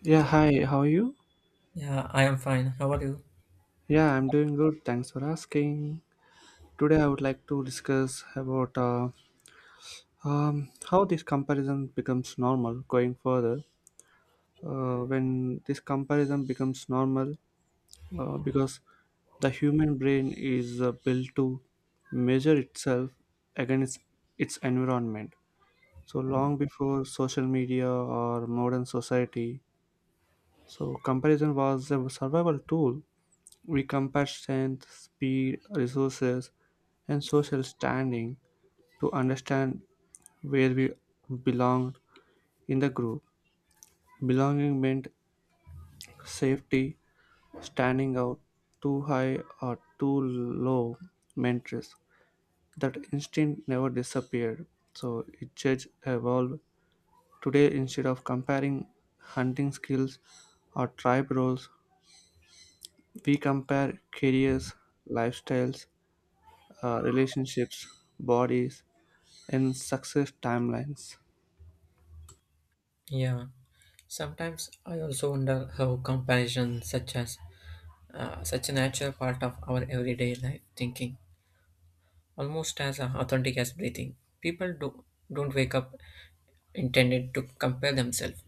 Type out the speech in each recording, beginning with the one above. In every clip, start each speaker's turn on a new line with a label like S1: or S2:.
S1: Yeah,
S2: Yeah,
S1: hi, how are you?
S2: yeah, I am fine. How are you?
S1: Yeah, I'm doing good. Thanks for asking. Today, I would like to discuss about how this comparison becomes normal going further. When this comparison becomes normal, because the human brain is built to measure itself against its environment. So, long before social media or modern society, so comparison was a survival tool. We compare strength, speed, resources, and social standing to understand where we belonged in the group. Belonging meant safety, standing out too high or too low meant risk. That instinct never disappeared, so it just evolved. Today, instead of comparing hunting skills or tribe roles, we compare careers, lifestyles, relationships, bodies, in successive timelines.
S2: Yeah. Sometimes I also wonder how comparison, such as such a natural part of our everyday life thinking, almost as authentic as breathing. People do don't wake up intended to compare themselves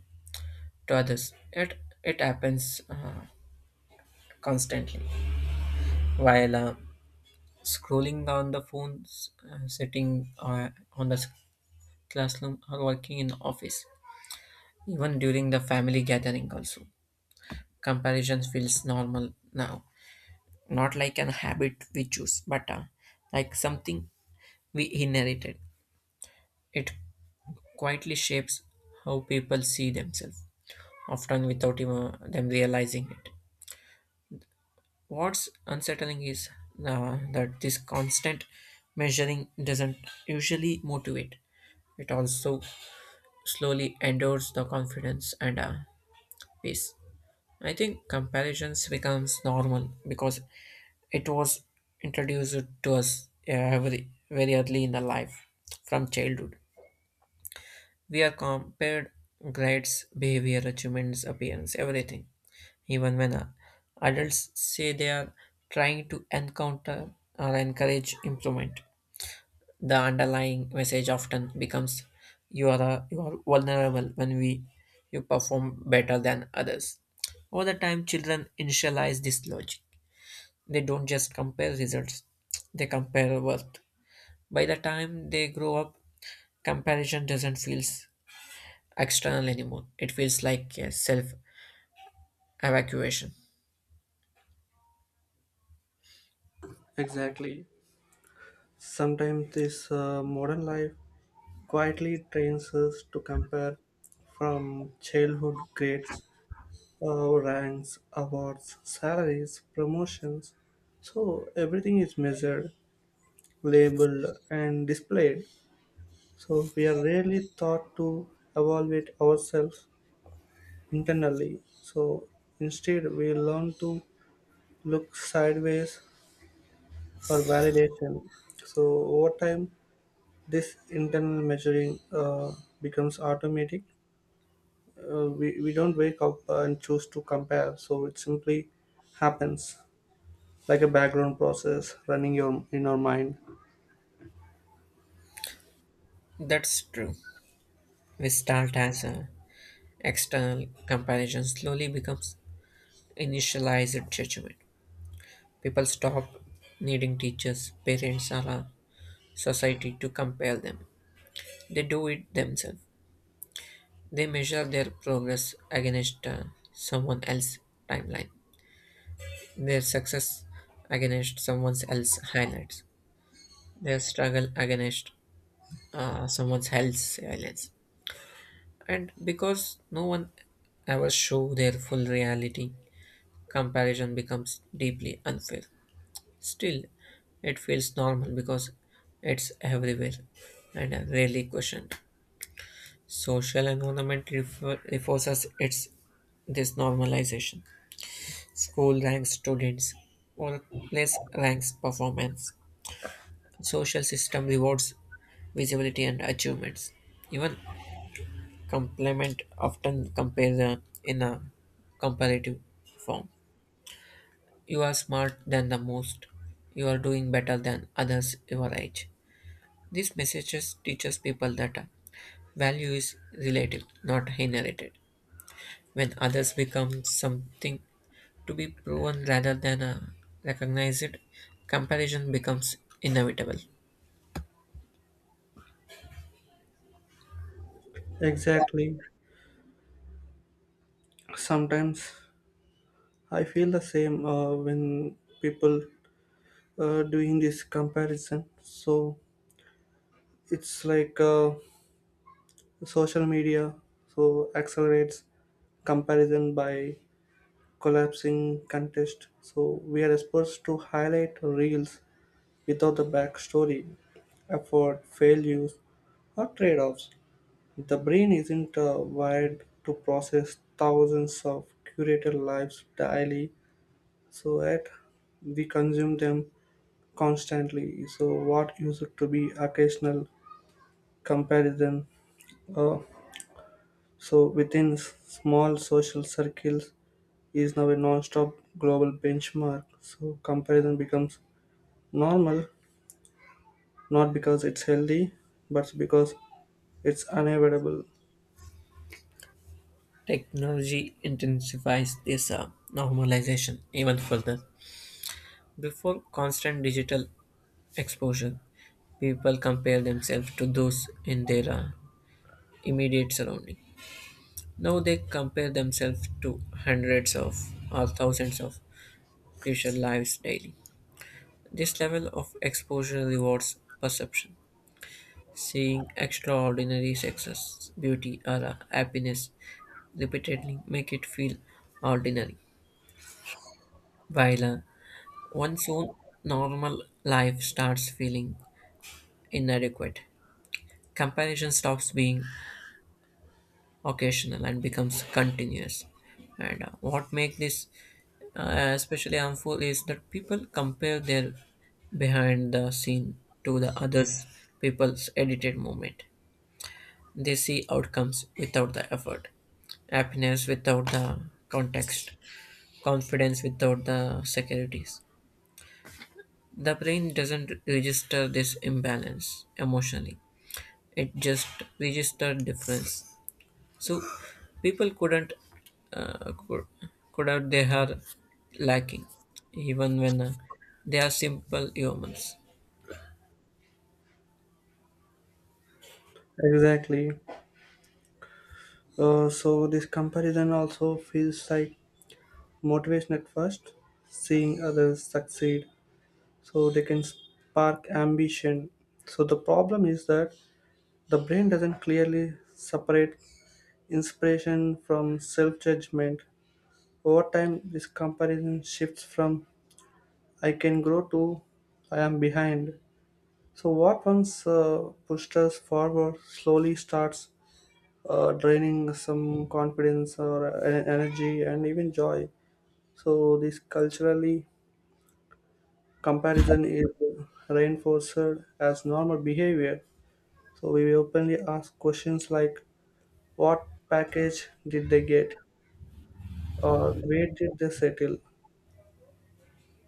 S2: to others. Yet it happens constantly. While scrolling on the phones, sitting on the classroom, or working in the office, even during the family gathering also. Comparison feels normal now, not like an habit we choose, but like something we inherited. It quietly shapes how people see themselves, often without even them realizing it. What's unsettling is that this constant measuring doesn't usually motivate. It also slowly endures the confidence and peace. I think comparisons becomes normal because it was introduced to us very early in the life from childhood. We are compared grades, behavior, achievements, appearance, everything. Even when adults say they are trying to encounter or encourage improvement, the underlying message often becomes you are you are vulnerable when we you perform better than others. Over the time, children initialize this logic. They don't just compare results; they compare worth. By the time they grow up, comparison doesn't feel external anymore. It feels like a self evacuation.
S1: Exactly. Sometimes this modern life quietly trains us to compare from childhood grades, ranks, awards, salaries, promotions. So everything is measured, labeled, and displayed. So we are rarely taught to evaluate ourselves internally. So instead, we learn to look sideways for validation. So over time, this internal measuring becomes automatic. We don't wake up and choose to compare, so it simply happens like a background process running your in our mind.
S2: That's true. We start as a external comparison slowly becomes initialized judgment. People stop needing teachers, parents, or a society to compare them. They do it themselves. They measure their progress against someone else's timeline, their success against someone else's highlights, their struggle against someone else's silence. And because no one ever show their full reality, comparison becomes deeply unfair. Still, it feels normal because it's everywhere and rarely questioned. Social environment reinforces its this normalization. School ranks students, workplace ranks performance. Social system rewards visibility and achievements. Even compliment often compare in a comparative form. You are smart than the most. You are doing better than others your age. These messages teaches people that value is relative, not inherited. When others become something to be proven rather than recognized, comparison becomes inevitable.
S1: Exactly. Sometimes I feel the same when people doing this comparison. So it's like social media so accelerates comparison by collapsing contest. So we are supposed to highlight reels without the backstory, effort, failures, or trade-offs. The brain isn't wired to process thousands of curated lives daily, so that we consume them constantly. So what used to be occasional comparison, uh, so within small social circles, is now a non-stop global benchmark. So comparison becomes normal not because it's healthy but because it's unavoidable.
S2: Technology intensifies this normalization even further. Before constant digital exposure, people compare themselves to those in their immediate surrounding. Now they compare themselves to hundreds of or thousands of crucial lives daily. This level of exposure rewards perception. Seeing extraordinary success, beauty, or happiness repeatedly make it feel ordinary, while one's own normal life starts feeling inadequate. Comparison stops being occasional and becomes continuous. And what makes this especially harmful is that people compare their behind the scene to the others people's edited moment. They see outcomes without the effort, happiness without the context, confidence without the securities. The brain doesn't register this imbalance emotionally. It just registers difference. So people couldn't uh, could, could have they are lacking even when they are simple humans.
S1: Exactly. So this comparison also feels like motivation at first, seeing others succeed, so they can spark ambition. So the problem is that the brain doesn't clearly separate inspiration from self-judgment. Over time this comparison shifts from I can grow to I am behind. So, what once pushed us forward slowly starts draining some confidence or energy and even joy. So, this culturally comparison is reinforced as normal behavior. So, we openly ask questions like, what package did they get? Or where did they settle?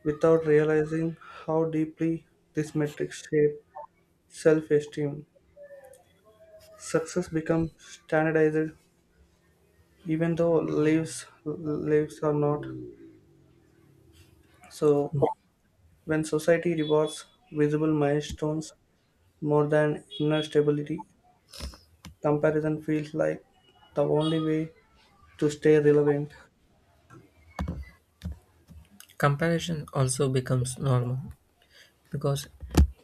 S1: Without realizing how deeply this metric shape self esteem. Success becomes standardized even though lives are not. So when society rewards visible milestones more than inner stability, comparison feels like the only way to stay relevant.
S2: Comparison also becomes normal because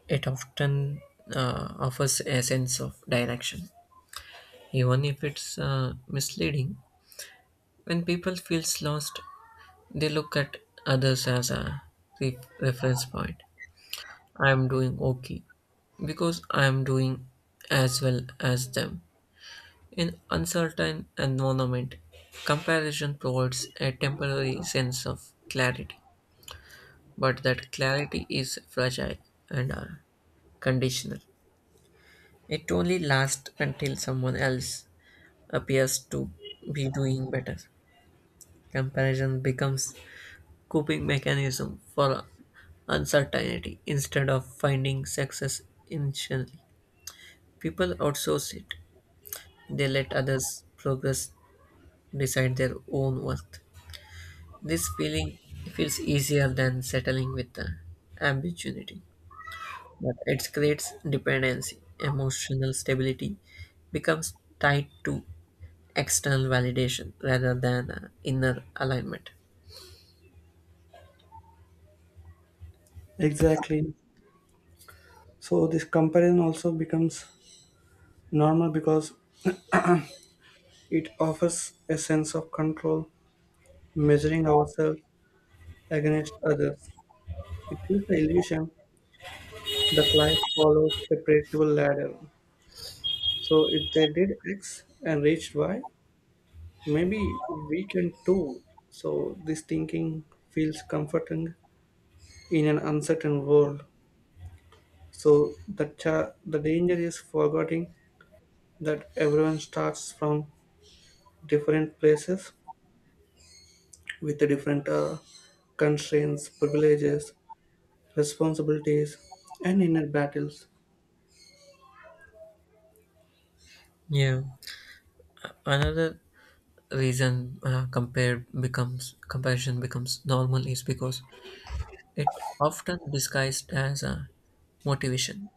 S2: it often offers a sense of direction, even if it's misleading. When people feels lost, they look at others as a reference point. I am doing okay because I am doing as well as them. In uncertain environment, comparison provides a temporary sense of clarity, but that clarity is fragile and conditional. It only lasts until someone else appears to be doing better. Comparison becomes coping mechanism for uncertainty instead of finding success internally. People outsource it. They let others' progress decide their own worth. This feeling feels easier than settling with the ambiguity, but it creates dependency. Emotional stability becomes tied to external validation rather than inner alignment.
S1: Exactly. So this comparison also becomes normal because it offers a sense of control. Measuring ourselves against others, it gives the illusion that life follows a predictable ladder. So if they did x and reached y, maybe we can too. So this thinking feels comforting in an uncertain world. So the danger is forgetting that everyone starts from different places with the different constraints, privileges, responsibilities, and inner battles.
S2: Yeah, another reason compared becomes comparison becomes normal is because it often disguised as a motivation.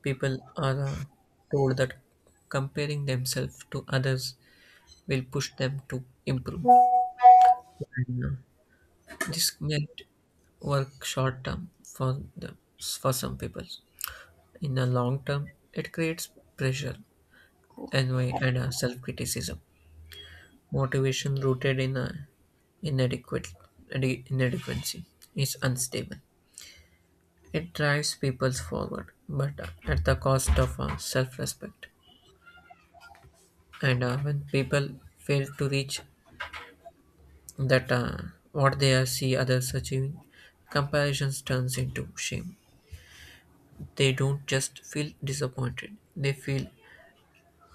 S2: People are told that comparing themselves to others will push them to improve. And, this might work short term for for some people. In the long term, it creates pressure, envy, and self criticism. Motivation rooted in inadequate inadequacy is unstable. It drives people forward, but at the cost of self respect. And when people fail to reach that what they are see others achieving comparisons turns into shame. They don't just feel disappointed, they feel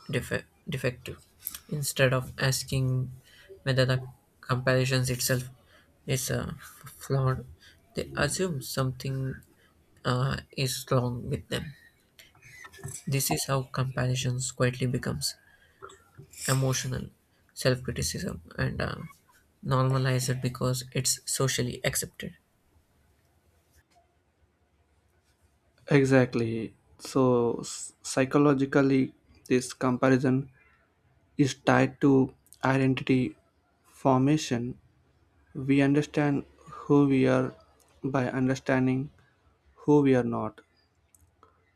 S2: defective instead of asking whether the comparisons itself is flawed. They assume something is wrong with them. This is how comparisons quietly becomes emotional self-criticism and normalized because it's socially accepted.
S1: Exactly. So psychologically, this comparison is tied to identity formation. We understand who we are by understanding who we are not.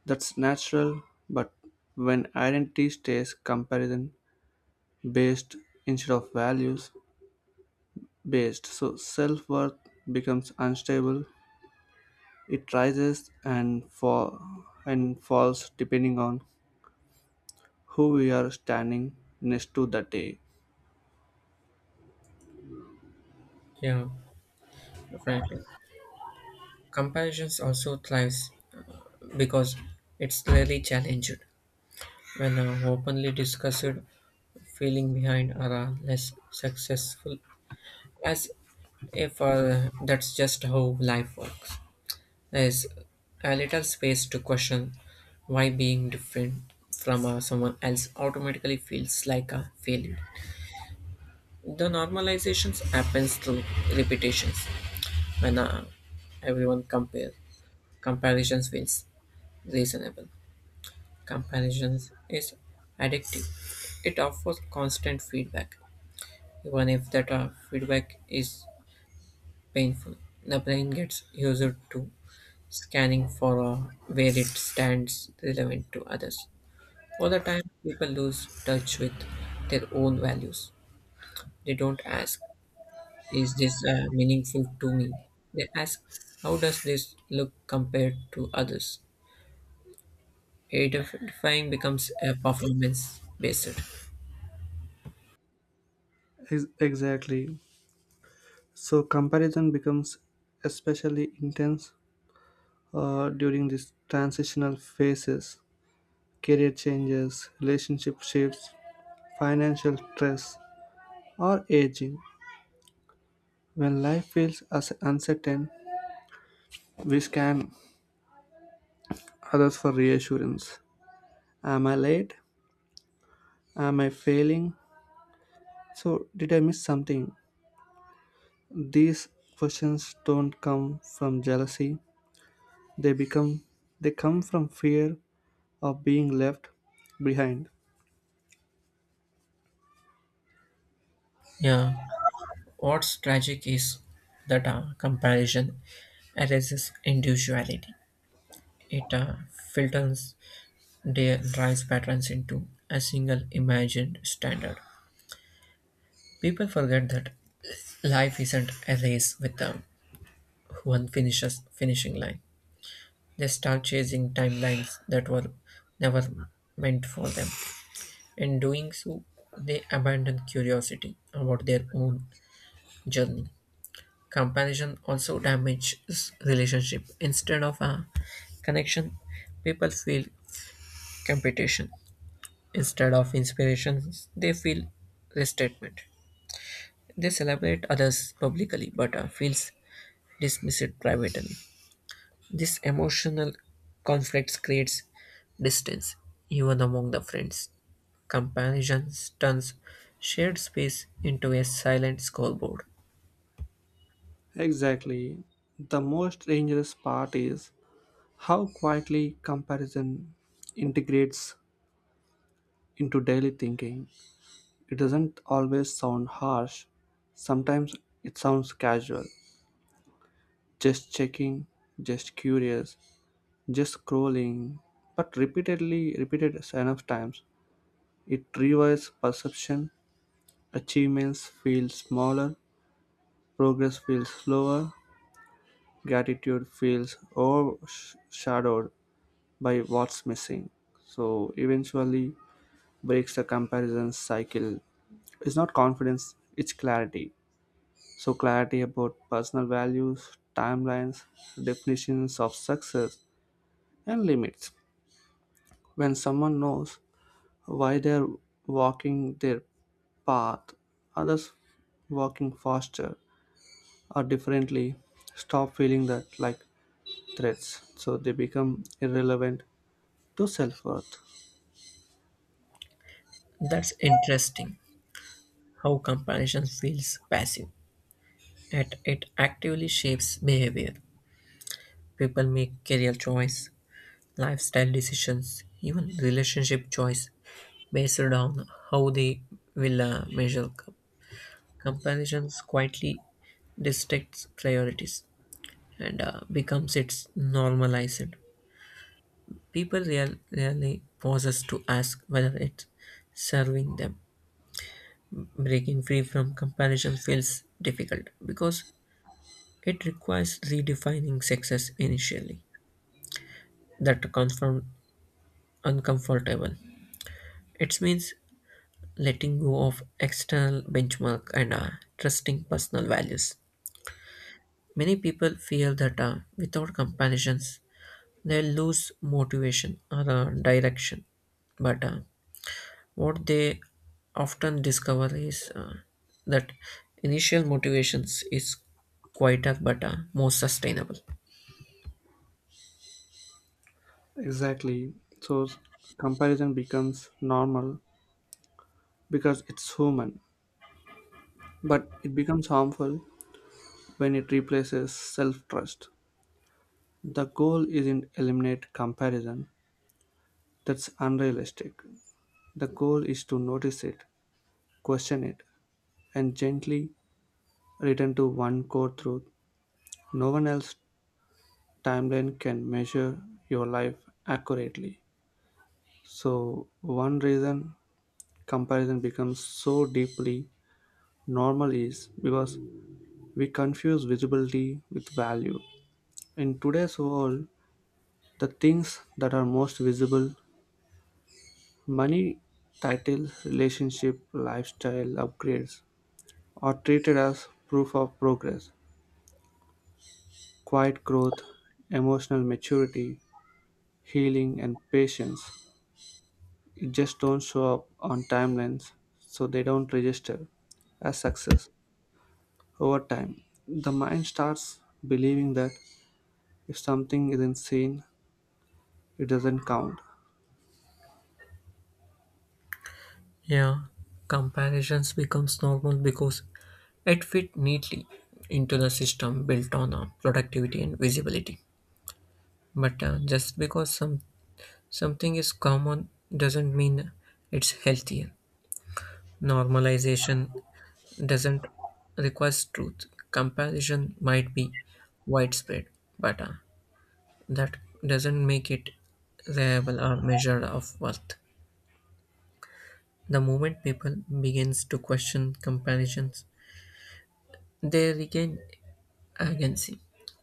S1: That's natural, but when identity stays comparison based instead of values based, so self worth becomes unstable. It rises and falls depending on who we are standing next to that day.
S2: Yeah. Right. Comparisons also thrives because it's rarely challenged. When an openly discussed feeling behind are less successful, as if that's just how life works. There's a little space to question why being different from someone else automatically feels like a failure. The normalizations happens through repetitions. When everyone compare comparisons feels reasonable. Comparisons is addictive. It offers constant feedback, even if that feedback is painful. The brain gets used to scanning for where it stands relevant to others. Over time, people lose touch with their own values. They don't ask, "Is this meaningful to me?" They ask, "How does this look compared to others?" Identifying becomes a performance based.
S1: Exactly. So comparison becomes especially intense during these transitional phases, career changes, relationship shifts, financial stress, or aging. When life feels as uncertain, we scan others for reassurance. Am I late? Am I failing? So, did I miss something? These questions don't come from jealousy. They become they come from fear of being left behind.
S2: Yeah. What's tragic is that comparison erases individuality. It filters their drives patterns into a single imagined standard. People forget that life isn't a race with one finishes finishing line. They start chasing timelines that were never meant for them. In doing so, they abandon curiosity about their own journey. Comparison also damages relationship. Instead of a connection, people feel competition. Instead of inspiration, they feel restatement. They celebrate others publicly but feels dismissed privately. This emotional conflict creates distance even among the friends. Comparison turns shared space into a silent scoreboard.
S1: Exactly. The most dangerous part is how quietly comparison integrates into daily thinking. It doesn't always sound harsh, sometimes it sounds casual. Just checking, just curious, just scrolling. But repeated enough times, it rewires perception, achievements feel smaller, progress feels slower, gratitude feels overshadowed by what's missing. So eventually breaks the comparison cycle. It's not confidence, it's clarity. So, clarity about personal values, timelines, definitions of success, and limits. When someone knows why they're walking their path, others walking faster or differently stop feeling that like threats. So, they become irrelevant to self worth.
S2: That's interesting how comparison feels passive. It actively shapes behavior. People make career choice, lifestyle decisions, even relationship choice based on how they will comparisons quietly dictates priorities and becomes its normalized. Rarely pauses to ask whether it's serving them. Breaking free from comparison feels difficult because it requires redefining success initially that confirm uncomfortable. It means letting go of external benchmark and trusting personal values. Many people feel that without comparisons, they lose motivation or direction. But what they often discover is that initial motivations is quieter but more sustainable.
S1: Exactly. So, comparison becomes normal because it's human, but it becomes harmful when it replaces self trust. The goal isn't eliminate comparison, that's unrealistic. The goal is to notice it, question it, and gently return to one core truth. No one else's timeline can measure your life accurately. So, one reason comparison becomes so deeply normal is because we confuse visibility with value. In today's world, the things that are most visible, money, title, relationship, lifestyle upgrades, are treated as proof of progress. Quiet growth, emotional maturity, healing, and patience, it just don't show up on timelines, so they don't register as success. Over time, the mind starts believing that if something isn't seen, it doesn't count.
S2: Yeah, comparisons becomes normal because it fit neatly into the system built on productivity and visibility. But just because something is common doesn't mean it's healthier. Normalization doesn't require truth. Comparison might be widespread, but that doesn't make it reliable or measure of worth. The moment people begins to question comparisons, they regain agency.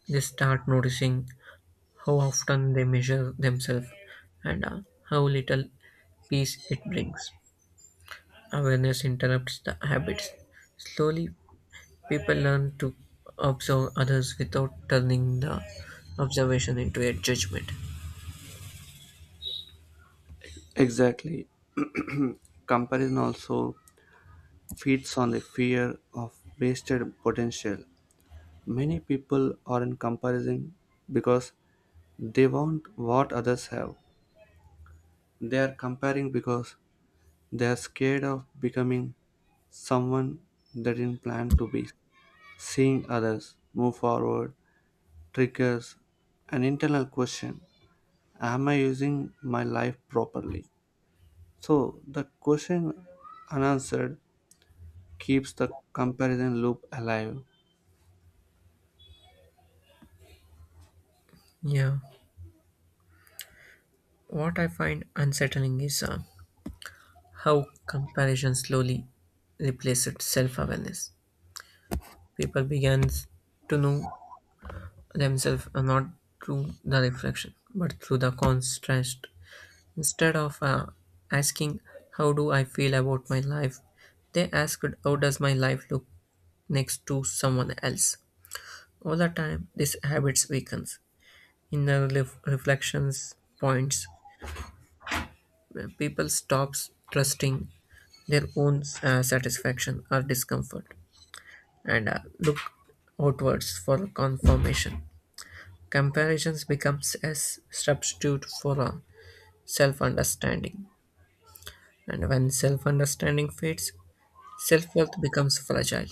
S2: They start noticing how often they measure themselves and how little peace it brings. Awareness interrupts the habits. Slowly, people learn to observe others without turning the observation into a judgment.
S1: Exactly. Comparison also feeds on the fear of wasted potential. Many people aren't comparing because they want what others have. They're comparing because they're scared of becoming someone they didn't plan to be. Seeing others move forward triggers an internal question, am I using my life properly? So, the question unanswered keeps the comparison loop alive.
S2: Yeah, what I find unsettling is how comparison slowly replaces self awareness. People begin to know themselves not through the reflection but through the contrast. Instead of asking, "How do I feel about my life?" they asked, "How does my life look next to someone else?" All the time, this habits weakens. Inner reflections points people stops trusting their own satisfaction or discomfort and look outwards for confirmation. Comparisons becomes a substitute for self understanding. And when self understanding fades, self worth becomes fragile.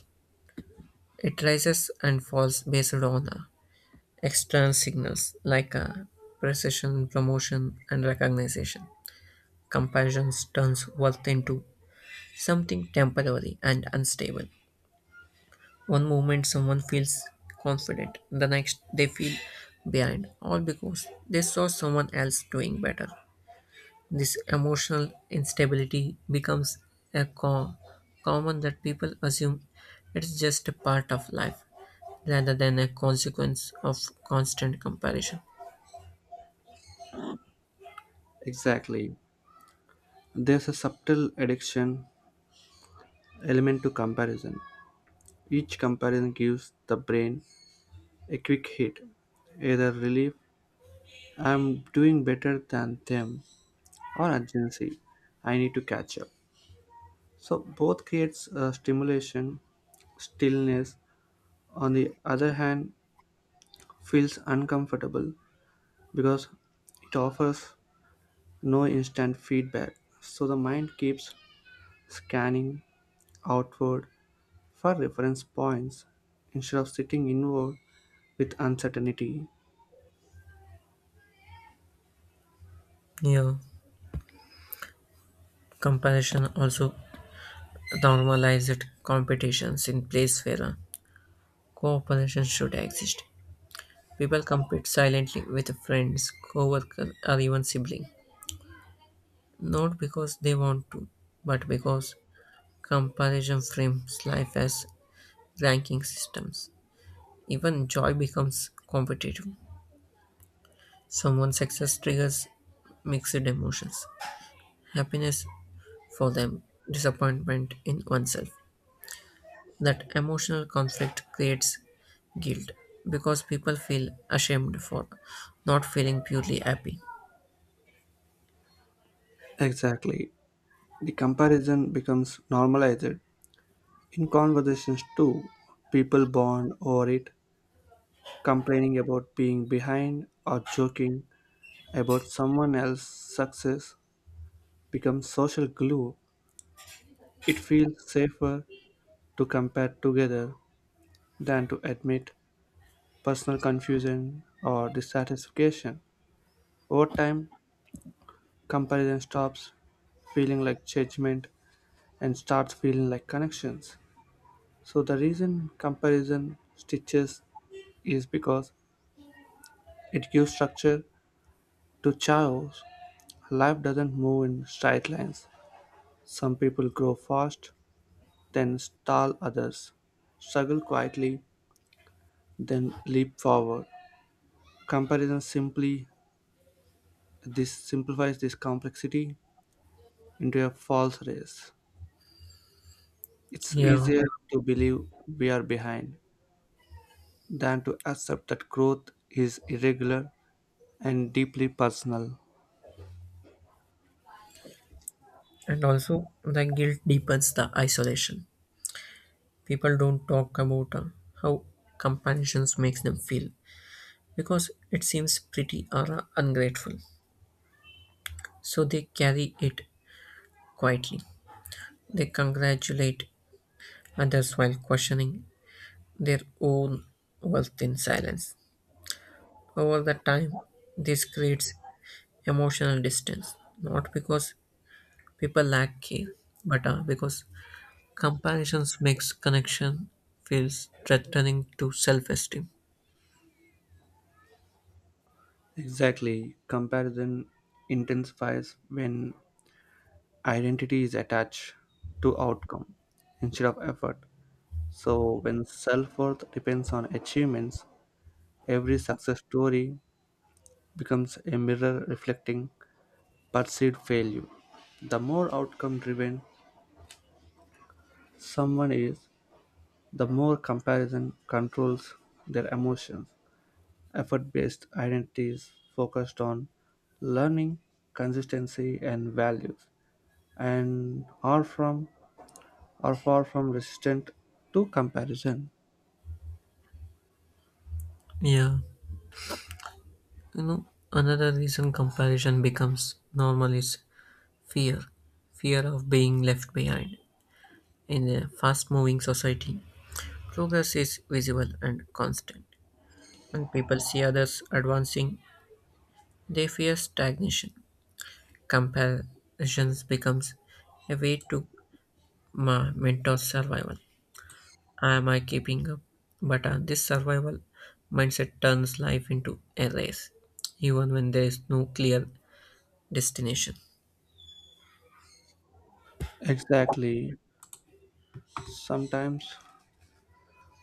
S2: It rises and falls based on external signals like precision, promotion, and recognition. Comparison turns worth into something temporary and unstable. One moment someone feels confident, the next they feel behind, all because they saw someone else doing better. This emotional instability becomes a common that people assume it's just a part of life rather than a consequence of constant comparison.
S1: Exactly. There's a subtle addiction element to comparison. Each comparison gives the brain a quick hit, either relief, I'm doing better than them, or urgency, I need to catch up. So both creates stimulation, stillness. On the other hand, feels uncomfortable because it offers no instant feedback. So the mind keeps scanning outward for reference points instead of sitting inward with uncertainty.
S2: Yeah, comparison also normalized competitions in place where cooperation should exist. People compete silently with friends, co-workers, or even siblings, not because they want to, but because comparison frames life as ranking systems. Even joy becomes competitive. Someone's success triggers mixed emotions, happiness for them, disappointment in oneself. That emotional conflict creates guilt because people feel ashamed for not feeling purely happy.
S1: Exactly. The comparison becomes normalized in conversations too, people bond over it, complaining about being behind or joking about someone else's success becomes social glue. It feels safer to compare together than to admit personal confusion or dissatisfaction. Over time, comparison stops feeling like judgment and starts feeling like connections. So the reason comparison stitches is because it gives structure to chaos. Life doesn't move in straight lines. Some people grow fast, then stall others, struggle quietly, then leap forward. Comparison simply this simplifies this complexity into a false race. It's
S2: Yeah,
S1: easier to believe we are behind than to accept that growth is irregular and deeply personal.
S2: and also the guilt deepens the isolation. People don't talk about how companions makes them feel because it seems pretty or ungrateful. So they carry it quietly. They congratulate others while questioning their own worth in silence. Over the time, this creates emotional distance, not because people lack care, but because comparisons makes connection feels threatening to self-esteem.
S1: Exactly. Comparison intensifies when identity is attached to outcome instead of effort. So, when self worth depends on achievements, every success story becomes a mirror reflecting perceived failure. The more outcome driven someone is, the more comparison controls their emotions. Effort based identities focused on learning, consistency, and values, and are, from, are far from resistant to comparison.
S2: Yeah, you know, another reason comparison becomes normal is fear. Fear of being left behind. In a fast moving society, progress is visible and constant. When people see others advancing, they fear stagnation. Comparisons becomes a way to mentor survival. Am I keeping up? But this survival mindset turns life into a race, even when there is no clear destination.
S1: Exactly. Sometimes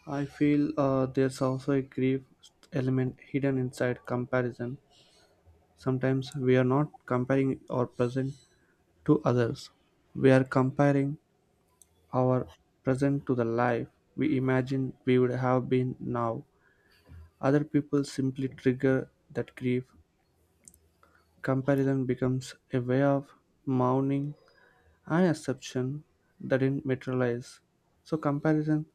S1: I feel there's also a grief element hidden inside comparison. Sometimes we are not comparing our present to others, we are comparing our present to the life we imagine we would have been now. Other people simply trigger that grief. Comparison becomes a way of mourning an exception that didn't materialize. So, comparison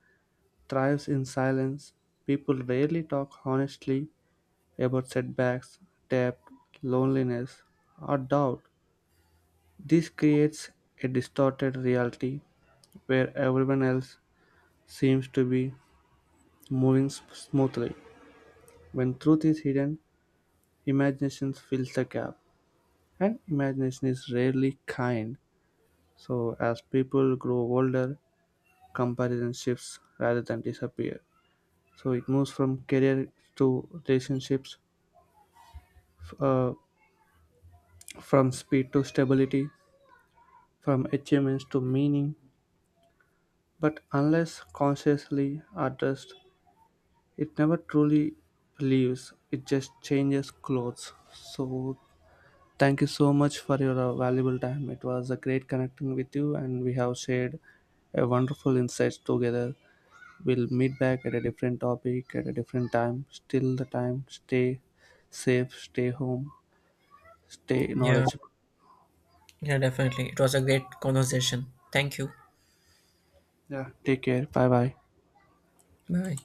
S1: thrives in silence. People rarely talk honestly about setbacks, debt, loneliness, or doubt. This creates a distorted reality where everyone else seems to be moving smoothly. When truth is hidden, imagination fills the gap, and imagination is rarely kind. So, as people grow older, comparison shifts rather than disappear. So, it moves from career to relationships, f- uh, from speed to stability, from achievements to meaning, but unless consciously addressed, it never truly leaves, it just changes clothes. So, thank you so much for your valuable time. It was a great connecting with you, and we have shared a wonderful insights together. We'll meet back at a different topic at a different time. Still, the time, stay safe, stay home, stay
S2: Yeah,
S1: knowledgeable.
S2: yeah, definitely. It was a great conversation. Thank you.
S1: Yeah, take care. Bye bye.
S2: Bye.